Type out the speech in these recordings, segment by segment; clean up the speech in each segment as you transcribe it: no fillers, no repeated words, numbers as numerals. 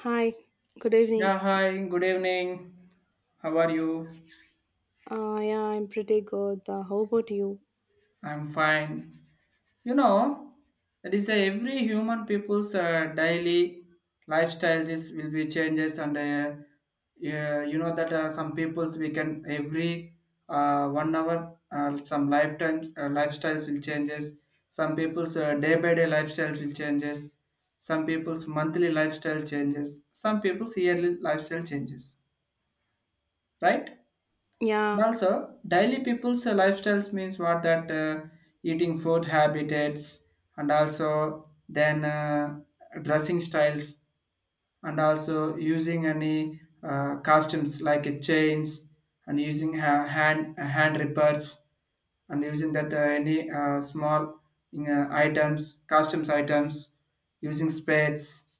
Hi, good evening. Yeah, hi, good evening. How are you? Yeah, I'm pretty good. How about you? I'm fine. You know, that is every human people's daily lifestyle. This will be changes, and yeah, you know that some people's we can every 1 hour some lifetimes lifestyles will changes. Some people's day by day lifestyles will changes. Some people's monthly lifestyle changes. Some people's yearly lifestyle changes. Right? And Yeah, also, daily people's lifestyles means what that eating food habits and also then dressing styles and also using any costumes like chains and using hand rippers and using that any small items costumes items using spades,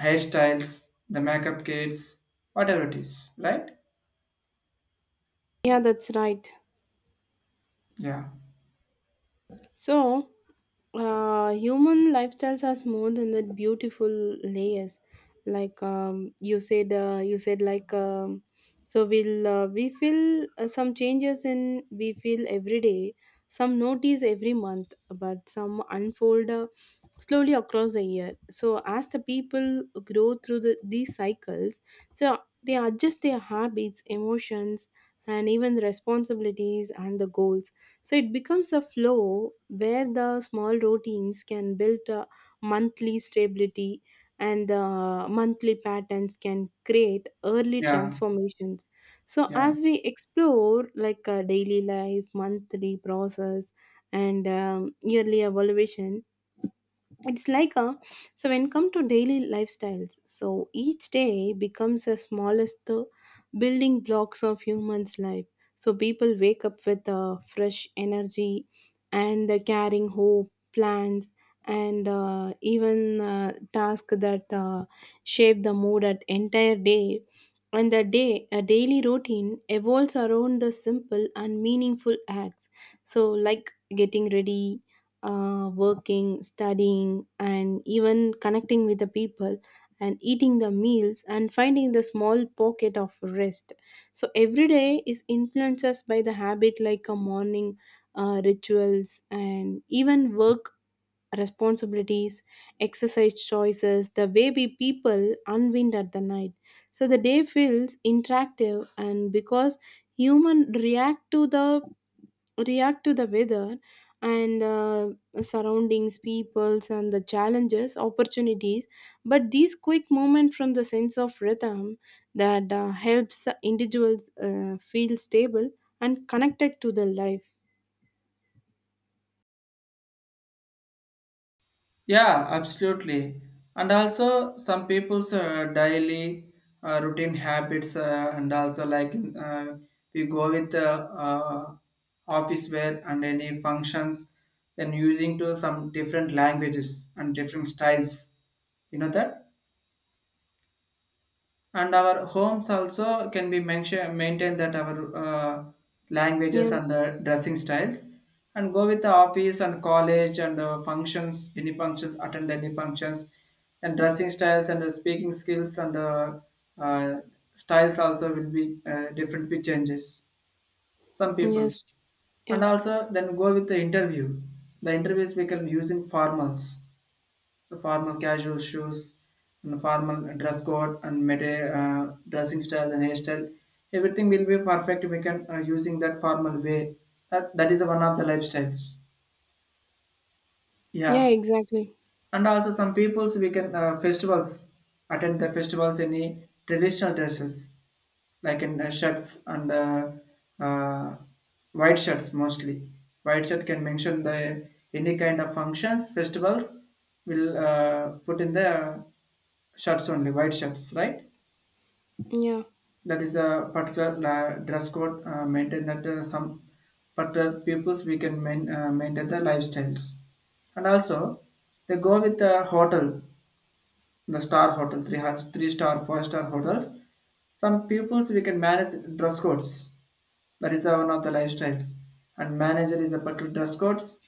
hairstyles, the makeup kits, whatever it is, right? yeah, that's right. yeah So, human lifestyles are more than that beautiful layers like you said like, so we feel some changes in we feel every day, some notice every month, but some unfold slowly across the year. So as the people grow through these cycles, so they adjust their habits, emotions, and even responsibilities and the goals. So it becomes a flow where the small routines can build a monthly stability, and the monthly patterns can create early yeah transformations. So yeah. as we explore like a daily life, monthly process, and yearly evaluation, it's like a so when come to daily lifestyles, so each day becomes the smallest building blocks of humans life. So people wake up with fresh energy and carrying hope plans and even tasks that shape the mood at entire day. And the day a daily routine evolves around the simple and meaningful acts. So like getting ready, working, studying, and even connecting with the people and eating the meals and finding the small pocket of rest. So every day is influenced us by the habit like a morning rituals and even work responsibilities, exercise choices, the way we people unwind at the night. So the day feels interactive and because human react to the weather and surroundings peoples and the challenges opportunities, but these quick moments from the sense of rhythm that helps the individuals feel stable and connected to the life. Yeah, absolutely. And also, some people's daily routine habits, and also like we go with the office wear and any functions, then using to some different languages and different styles. You know that? And our homes also can be mention, maintain that our Yeah. languages and dressing styles, and go with the office and college and functions, any functions, attend any functions and dressing styles and speaking skills and uh, styles also will be different be changes. Some Yes. people's and Yeah. also then go with the interview. The interviews we can using formals, formal casual shoes and formal dress code and dressing style and hairstyle, everything will be perfect if we can using that formal way, that is one of the lifestyles. Yeah, Yeah. exactly. And also some peoples we can festivals, attend the festivals, any traditional dresses like in shirts and uh, white shirts mostly. White shirt can mention the any kind of functions, festivals will put in the shirts, only white shirts, right? Yeah. That is a particular dress code maintain that some particular peoples we can maintain the lifestyles. And also they go with the hotel, the star hotel, three star, four-star hotels. Some pupils we can manage dress codes. That is one of the lifestyles. And manager is a particular dress codes,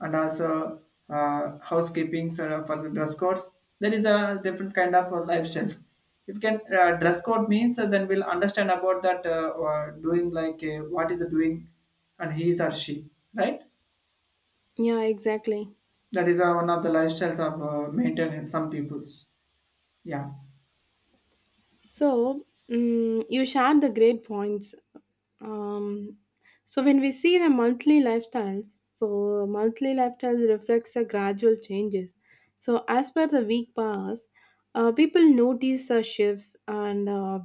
and also housekeeping for the dress codes. There is a different kind of lifestyles. If you can dress code means, then we'll understand about that or doing like what is the doing, and he's or she, right? Yeah, exactly. That is one of the lifestyles of maintenance. Some people's, yeah, So you shared the great points. Um, so when we see the monthly lifestyles, so monthly lifestyles reflects a gradual changes. So as per the week pass, people notice shifts and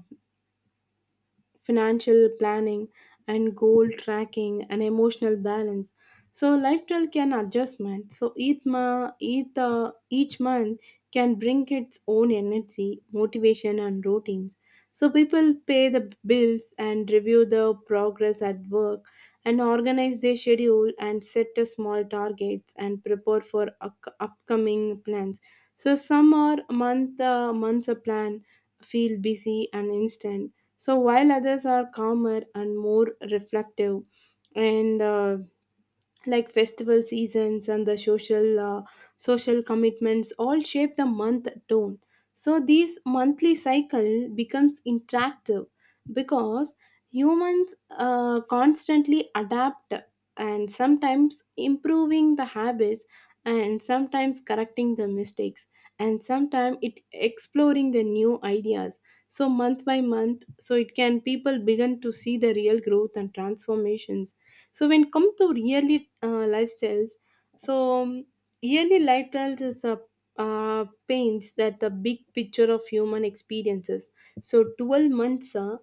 financial planning and goal tracking and emotional balance, so lifestyle can adjustment. So each month can bring its own energy, motivation, and routines. So people pay the bills and review the progress at work and organize their schedule and set a small targets and prepare for upcoming plans. So some are months a plan feel busy and instant, so while others are calmer and more reflective, and like festival seasons and the social commitments all shape the month tone. So this monthly cycle becomes interactive because humans constantly adapt, and sometimes improving the habits, and sometimes correcting the mistakes, and sometimes it exploring the new ideas. So month by month, so it can people begin to see the real growth and transformations. So when come to yearly lifestyles, so yearly lifestyles is a paints that the big picture of human experiences. So 12 months uh,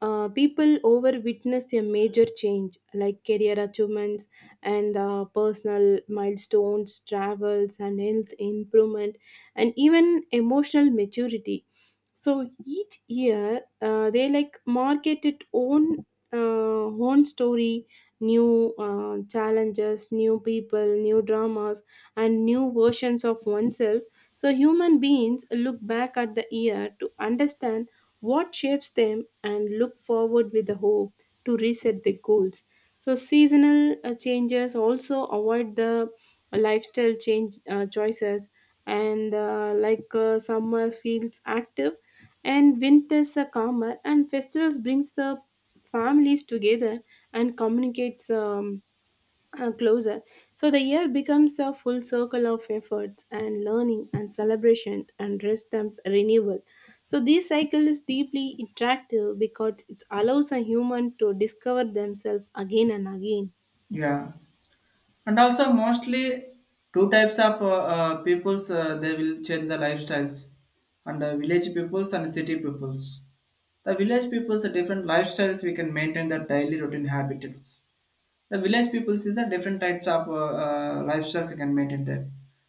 uh, people over witness a major change like career achievements and personal milestones, travels, and health improvement, and even emotional maturity. So each year they like market its own own story, new challenges, new people, new dramas, and new versions of oneself. So, human beings look back at the year to understand what shapes them and look forward with the hope to reset their goals. So, seasonal changes also avoid the lifestyle change choices, and like summer feels active, and winters are calmer, and festivals brings the families together and communicates closer. So the year becomes a full circle of efforts and learning and celebration and rest and renewal. So this cycle is deeply interactive because it allows a human to discover themselves again and again. yeah. And also mostly two types of peoples they will change the lifestyles, and village peoples and city peoples. The village peoples are different lifestyles, we can maintain their daily routine habits. The village people sees the different types of lifestyles you can maintain there.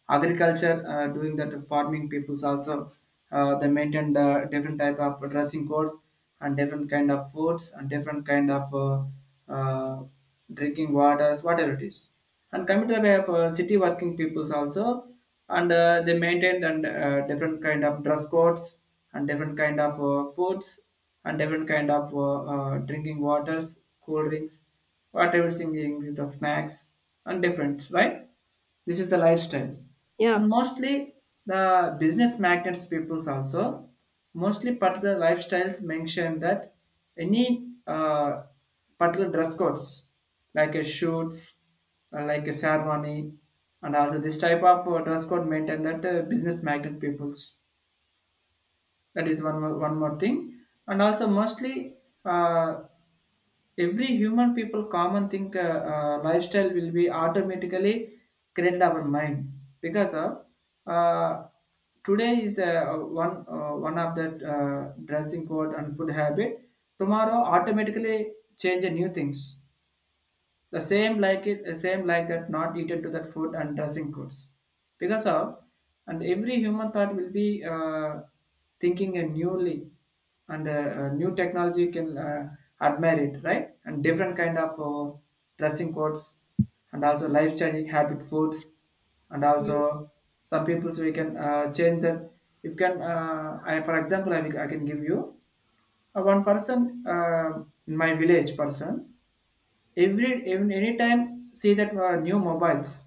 Agriculture, doing that farming peoples also, they maintain the different type of dressing codes and different kind of foods and different kind of uh, drinking waters, whatever it is. And coming to the way of city working peoples also, and they maintain and different kind of dress codes and different kind of foods and different kind of drinking waters, cool drinks, what everything is, the snacks, and different, right? This is the lifestyle. And Yeah. mostly the business magnates peoples also, mostly particular lifestyles mention that any particular dress codes, like a shoots, like a ceremony, and also this type of dress code maintain that business magnet peoples. That is one more thing. And also mostly uh, every human people common think lifestyle will be automatically created our mind because of uh, today is one of the dressing code and food habit, tomorrow automatically change the new things, the same like it, the same like that not eaten to that food and dressing goods. Because of, and every human thought will be thinking a newly, and new technology can admire it, right? And different kind of dressing codes, and also life changing habit foods, and You- also some people so we can change that. If can, I for example, I can give you one person, in my village person every, even anytime see that new mobiles,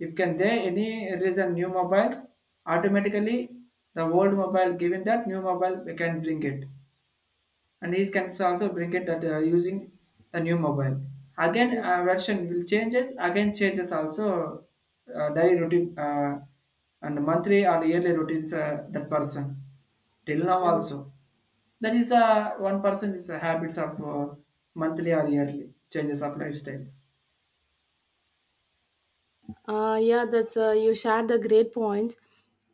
if can there any reason new mobiles automatically the old mobile given that new mobile we can bring it, and he can also bring it that using the new mobile, again Yes. Version will changes, again changes also daily routine and monthly or yearly routines that persons till now Yeah. also, that is one person is habits of monthly or yearly changes of lifestyles. Yeah, that's you shared the great points.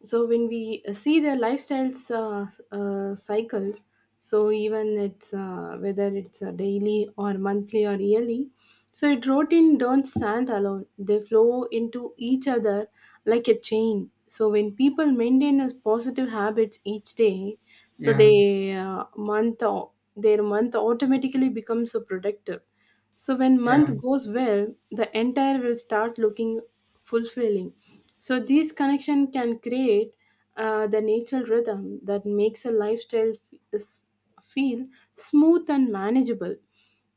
So when we see their lifestyles cycles, so even it's whether it's daily or monthly or yearly, so it routine don't stand alone. They flow into each other like a chain. So when people maintain a positive habits each day, so Yeah, they their month automatically becomes so productive. So when yeah, month goes well, the entire will start looking fulfilling. So these connection can create the natural rhythm that makes a lifestyle feel smooth and manageable.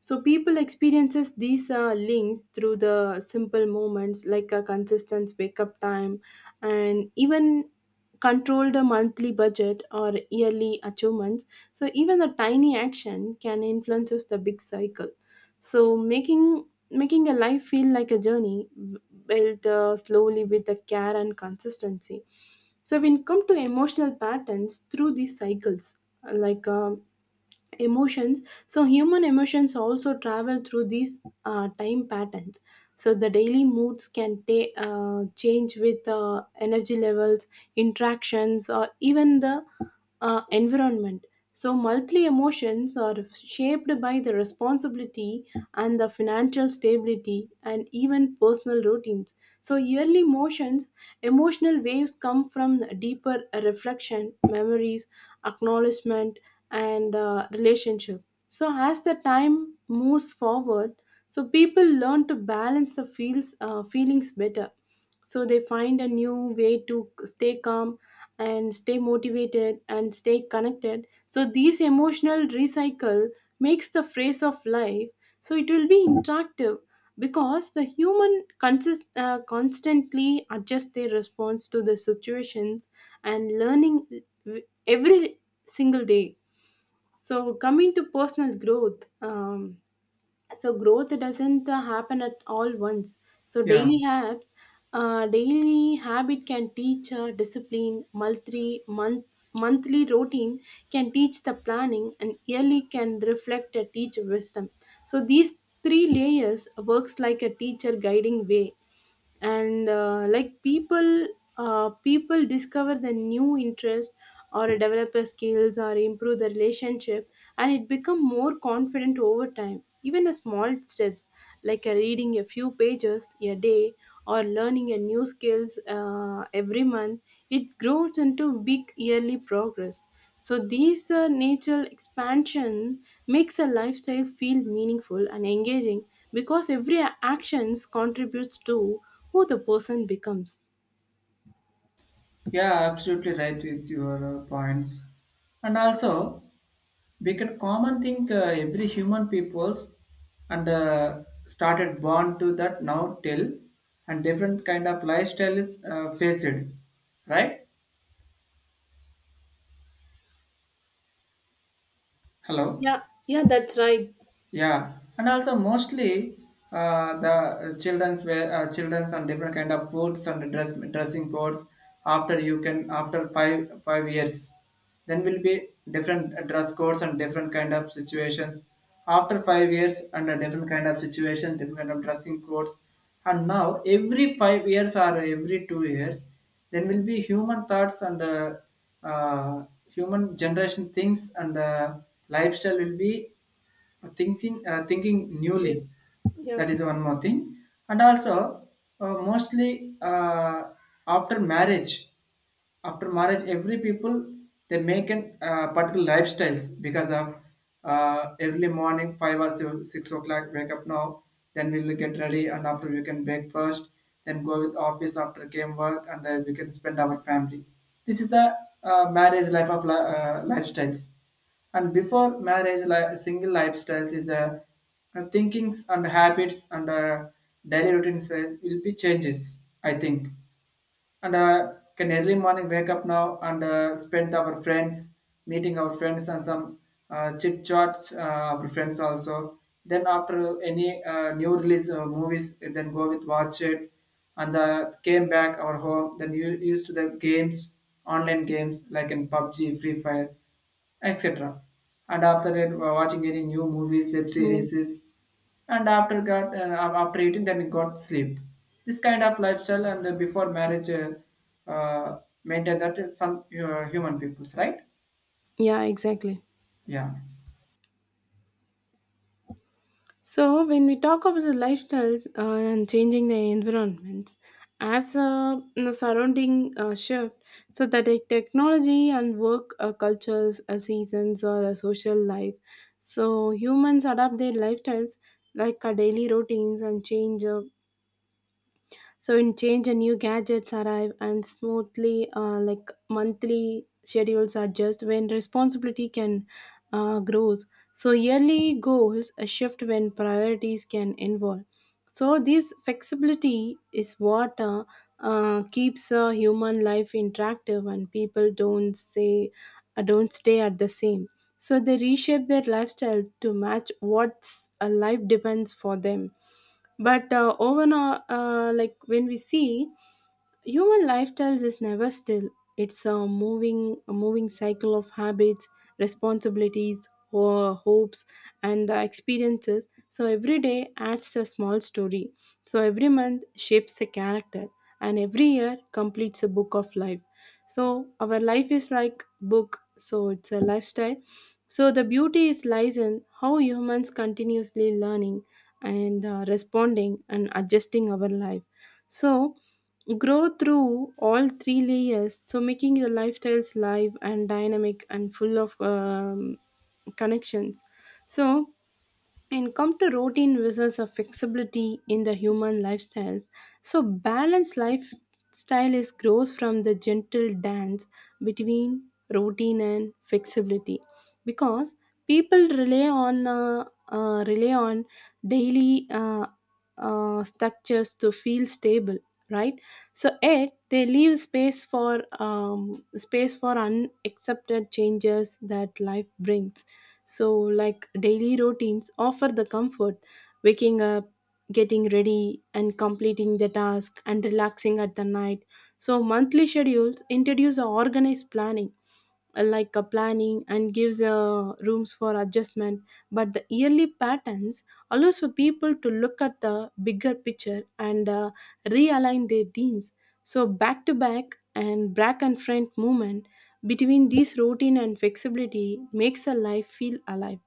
So people experiences these links through the simple moments like a consistent wake up time, and even control the monthly budget or yearly achievements. So even a tiny action can influences the big cycle. So making a life feel like a journey built slowly with the care and consistency. So, when come to emotional patterns through these cycles, like emotions, so human emotions also travel through these time patterns. So the daily moods can change with energy levels, interactions, or even the environment. So monthly emotions are shaped by the responsibility and the financial stability and even personal routines. So yearly motions, emotional waves come from deeper reflection, memories, acknowledgement, and relationship. So as the time moves forward, so people learn to balance the feels feelings better, so they find a new way to stay calm and stay motivated and stay connected. So these emotional recycle makes the phrase of life, so it will be interactive because the human constantly adjust their response to the situations and learning every single day. So coming to personal growth, so growth doesn't happen at all once. So yeah, daily habit can teach discipline. Monthly monthly routine can teach the planning, and yearly can reflect a teacher wisdom. So these three layers works like a teacher guiding way, and like people discover the new interest, or develop their skills, or improve the relationship, and it become more confident over time, even a small steps like a reading a few pages a day or learning a new skills every month. It grows into big yearly progress. So these natural expansion makes a lifestyle feel meaningful and engaging because every actions contributes to who the person becomes. yeah. Absolutely right with your points, and also we can common thing every human peoples and started born to that now till, and different kind of lifestyle is faced, right? Hello. Yeah, yeah, that's right. Yeah, and also mostly the children's wear, children's and different kind of foods and dressing codes. After you can after five years, then will be different dress codes and different kind of situations. After 5 years, and a different kind of situation, different kind of dressing codes. And now every 5 years or every 2 years, then will be human thoughts and human generation things and lifestyle will be thinking Yes. newly. Yeah. That is one more thing. And also mostly after marriage, every people they make an particular lifestyles because of early morning 5 or 7, 6 o'clock wake up now, then we will get ready, and after we can breakfast, then go with office, after came work, and then we can spend our family. This is the marriage life of lifestyles. And before marriage single lifestyles is a thinkings and habits and daily routines will be changes, I think. And can early morning wake up now and spend our friends, meeting our friends and some chit chats our friends also, then after any new release movies then go with watch it, and came back our home, then you used to the games, online games like in pubg, free fire, etc. And after that we're watching any new movies, web Yeah, series, and after got after eating then it got sleep. This kind of lifestyle and before marriage maintain that is some human peoples, right? yeah, exactly. Yeah. So, when we talk about the lifestyles and changing the environments, as a the surrounding shift, so that the technology and work cultures, seasons, or a social life, so humans adapt their lifestyles like our daily routines and change. So in change and new gadgets arrive and smoothly, like monthly schedules adjust when responsibility can grows. So yearly goals a shift when priorities can involve. So this flexibility is what keeps human life interactive, and people don't say don't stay at the same. So they reshape their lifestyle to match what's a life depends for them. But overall, like when we see human lifestyle is never still. It's a moving cycle of habits, responsibilities, hopes, and the experiences. So every day adds a small story. So every month shapes a character, and every year completes a book of life. So our life is like book. So it's a lifestyle. So the beauty is lies in how humans continuously learning and responding and adjusting our life. So grow through all three layers, so making your lifestyles live and dynamic and full of connections. So and come to routine versus a flexibility in the human lifestyle. So balanced lifestyle is grows from the gentle dance between routine and flexibility, because people rely on daily structures to feel stable, right? So it they leave space for unaccepted changes that life brings. So, like daily routines offer the comfort, waking up, getting ready, and completing the task, and relaxing at the night. So, monthly schedules introduce a organized planning, like a planning and gives rooms for adjustment, but the yearly patterns allows for people to look at the bigger picture and realign their teams. So back to back and back and front movement between this routine and flexibility makes a life feel alive.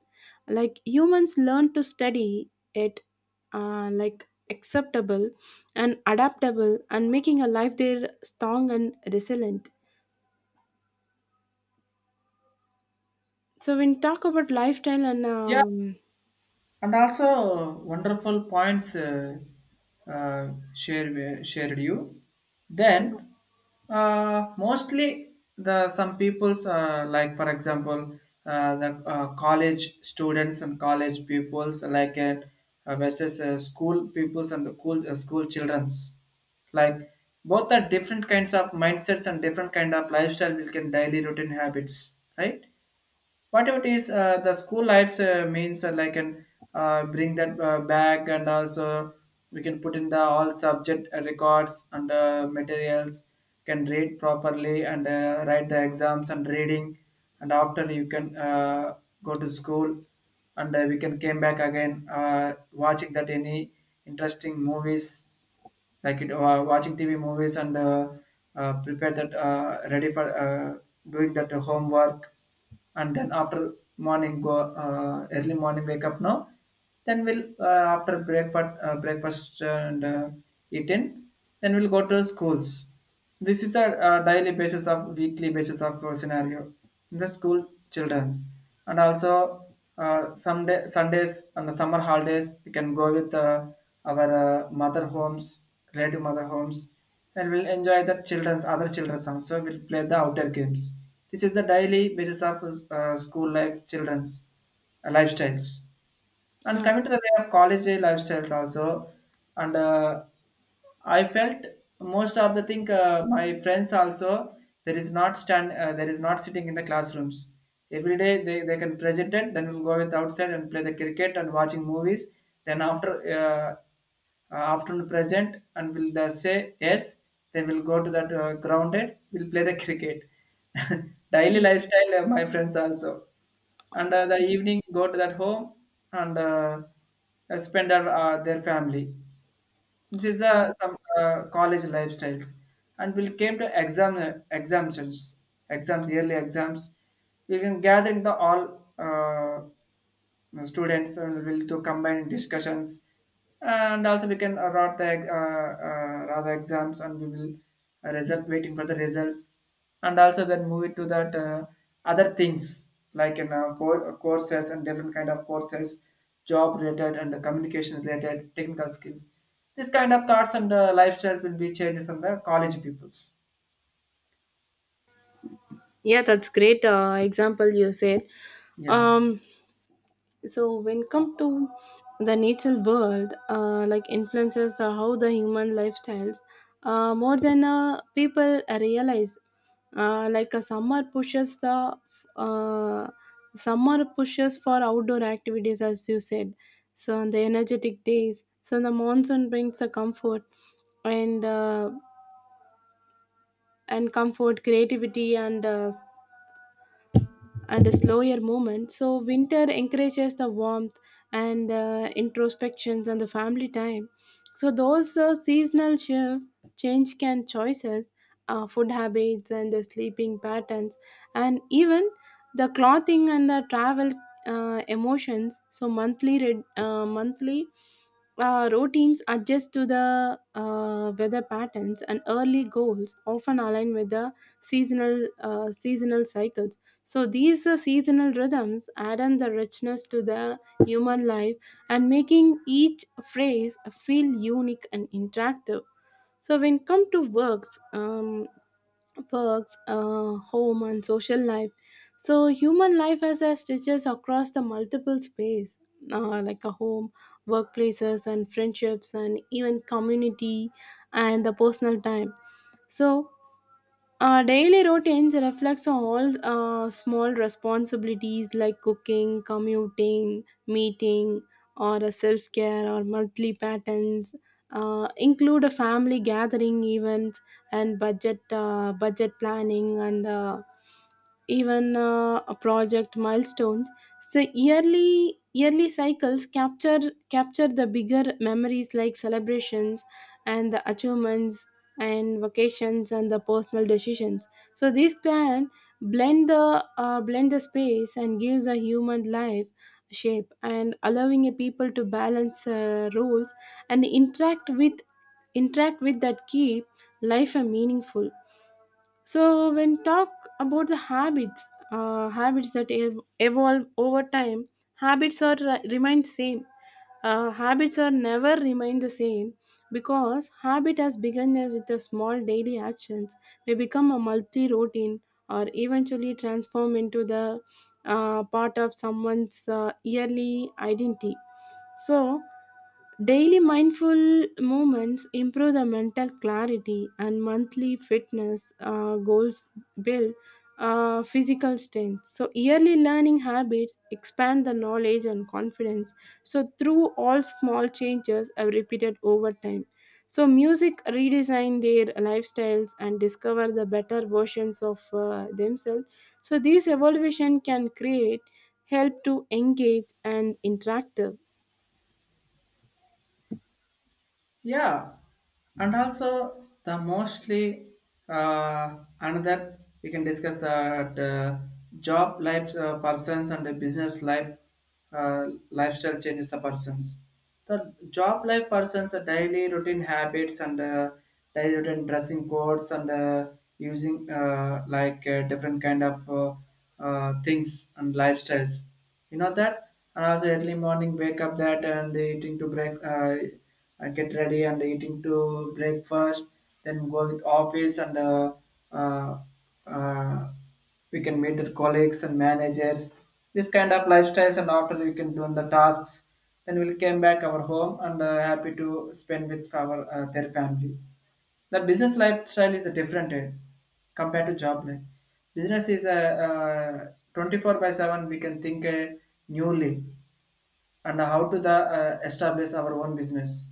Like humans learn to study it, uh, like acceptable and adaptable and making a life there strong and resilient. So when talk about lifestyle and Yeah, and also wonderful points uh, shared you, then mostly the some people's like for example the college students and college pupils like versus school pupils and the cool school children's like, both are different kinds of mindsets and different kind of lifestyle we can daily routine habits, right? Whatever it is the school life means like an, bring that back, and also we can put in the all subject records and materials, can read properly and write the exams and reading, and after you can go to school, and we can came back again watching that any interesting movies like it, watching TV movies and prepare that ready for doing that homework, and then after morning go early morning wake up now, then we'll after breakfast breakfast and eating, then we'll go to schools. This is the daily basis of weekly basis of scenario in the school childrens. And also some day, Sundays and the summer holidays we can go with our mother homes, relative mother homes, and we'll enjoy the children's, other children's also we'll play the outdoor games. This is the daily basis of school life children's lifestyles. And yeah. coming to the way of college day lifestyles also, and I felt most of the thing my friends also, there is not sitting in the classrooms. Every day they can present it, then we'll go with outside and play the cricket and watching movies. Then after afternoon present and will the say yes, then we'll go to that grounded. We'll play the cricket. Daily lifestyle, my friends also, and the evening go to that home and spend our, their family. This is Okay. some college lifestyles, and we came to exams, yearly exams. We can gather in the all. The students will to combine discussions, and also we can write the rather exams, and we will result waiting for the results, and also then move it to that other things like in courses and different kind of courses, job related and the communication related technical skills. This kind of thoughts and lifestyle will be changes in the college peoples. Yeah, that's great example you said. Yeah. Um, so when come to the natural world, like influences are how the human lifestyles more than people realize. Like a uh, summer pushes for outdoor activities, as you said. So on the energetic days, so the monsoon brings the comfort and comfort, creativity, and a slower movement. So winter encourages the warmth and introspections and the family time. So those seasonal shift change can choices, food habits and the sleeping patterns, and even the clothing and the travel emotions. So monthly red, monthly routines adjust to the weather patterns, and early goals often align with the seasonal cycles. So these seasonal rhythms add on the richness to the human life, and making each phrase feel unique and interactive. So when come to works, home and social life, so human life has a stitches across the multiple space, like a home, workplaces and friendships and even community and the personal time. So our daily routines reflects on all small responsibilities like cooking, commuting, meeting, or self care, or monthly patterns. Include a family gathering events and budget planning and even a project milestones. The yearly cycles capture the bigger memories like celebrations and the achievements and vacations and the personal decisions, so these can blend the blend the space and gives a human life shape, and allowing a people to balance roles and interact with that keep life a meaningful. So when talk about the habits that evolve over time, habits are ri- remain same habits are never remain the same, because habit has begun as with the small daily actions, may become a multi routine, or eventually transform into the part of someone's yearly identity. So daily mindful movements improve the mental clarity, and monthly fitness goals build physical strength. So, yearly learning habits expand the knowledge and confidence. So, through all small changes are repeated over time. So, music redesign their lifestyles and discover the better versions of themselves. So, this evolution can create help to engage and interactive. Yeah, and also the mostly, uh, another we can discuss that job life persons and the business life lifestyle changes the persons. The job life persons are daily routine habits and daily routine dressing codes, and using like different kind of things and lifestyles. You know that, and also early morning wake up that and eating to break. Get ready and eating to breakfast, then go with office, and uh, uh, we can meet the colleagues and managers. This kind of lifestyles, and after we can do the tasks. Then we'll came back our home and happy to spend with our their family. The business lifestyle is a different compared to job life. Business is a, 24 by 7. We can think newly, and how to the establish our own business,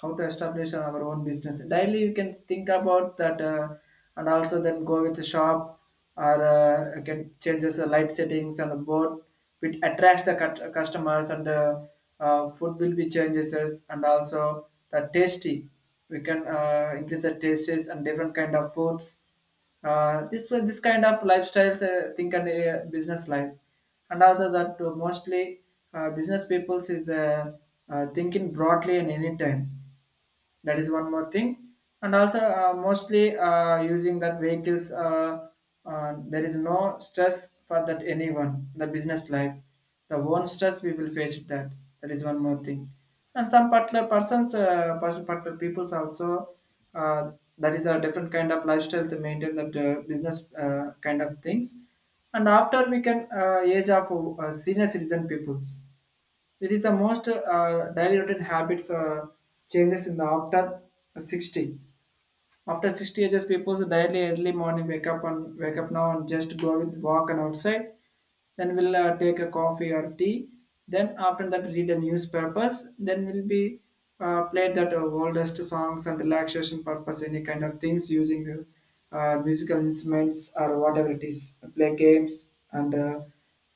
how to establish our own business daily you can think about that. And also then go with the shop, or you can changes the light settings and board, which attracts the cut customers, and food will be changes, and also the tasty, we can increase the tastes and different kind of foods. This kind of lifestyles think, and business life. And also that mostly business peoples is thinking broadly and anytime. That is one more thing. And also mostly using that vehicles. There is no stress for that anyone the business life. The one stress we will face it that, that is one more thing. And some particular persons, particular peoples also. uh, that is a different kind of lifestyle to maintain that business kind of things. And after we can age of senior citizen peoples, it is the most daily routine habits changes in the after 60. After 60 ages, people daily early morning wake up now and just go with walk and outside. Then we'll take a coffee or tea. Then after that, read the newspapers. Then we'll be played that oldest songs and relaxation purpose, any kind of things using musical instruments or whatever it is. Play games, and uh,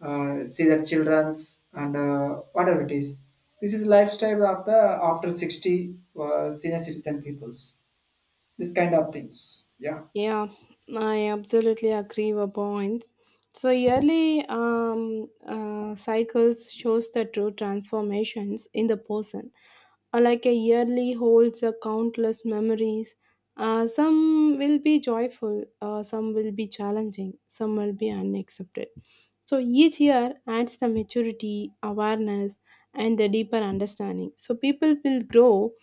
uh, see the childrens, and whatever it is. This is lifestyle of the after 60 senior citizen peoples. This kind of things. Yeah. Yeah, I absolutely agree with your points. So yearly cycles shows the true transformations in the person. Like a yearly holds a countless memories. Some will be joyful, some will be challenging, some will be unaccepted. So each year adds the maturity, awareness, and the deeper understanding. So people will grow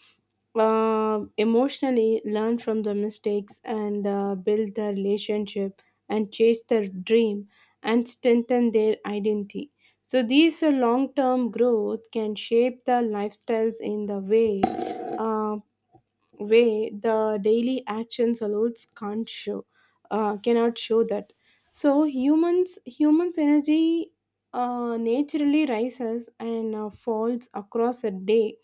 emotionally, learn from the mistakes and build the relationship and chase their dream and strengthen their identity. So these long term growth can shape the lifestyles in the uh, way the daily actions alone can't show cannot show that. So humans energy naturally rises and falls across a day.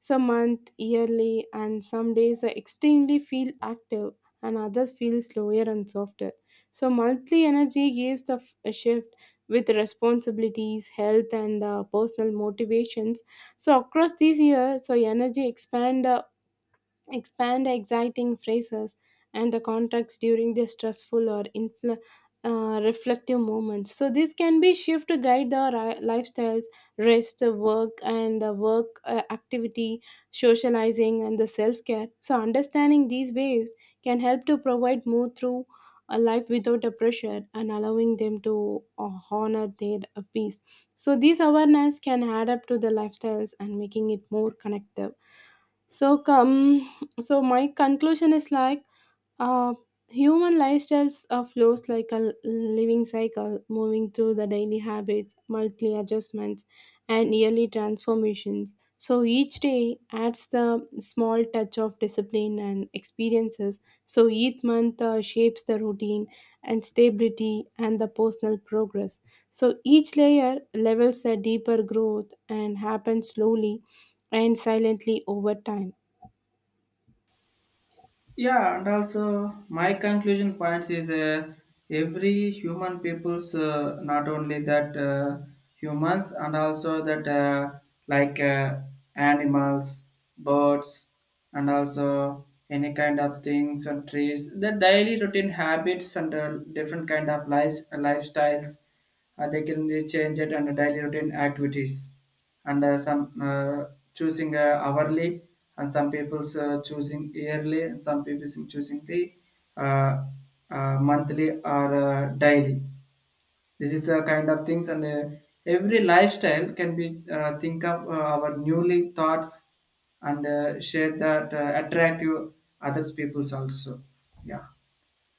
Some month yearly, and some days are extremely feel active, and others feel slower and softer. So monthly energy gives the a shift with responsibilities, health and personal motivations. So across these years, so energy expand expand exciting phrases and the context during the stressful or reflective moments. So this can be shift to guide our lifestyles, rest, work, and work activity, socializing, and the self care. So understanding these waves can help to provide more through a life without a pressure, and allowing them to honor their peace. So these awareness can add up to the lifestyles and making it more connective. So come. So my conclusion is like, uh, human lifestyles are flows like a living cycle, moving through the daily habits, monthly adjustments, and yearly transformations. So each day adds the small touch of discipline and experiences. So each month shapes the routine and stability and the personal progress. So each layer levels a deeper growth and happens slowly and silently over time. Yeah, and also my conclusion points is every human people's, not only that, humans, and also that, like uh, animals, birds, and also any kind of things and trees. The daily routine habits and different kind of lives lifestyles, they can change it and daily routine activities. And some choosing hourly, and some people's choosing yearly, and some people choosing the uh, monthly or daily. This is the kind of things, and every lifestyle can be think of our newly thoughts, and share that attract you others people's also. Yeah.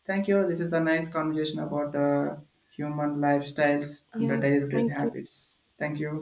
Thank you. This is a nice conversation about human lifestyles and the Yeah, daily routine thank you. habits. Thank you.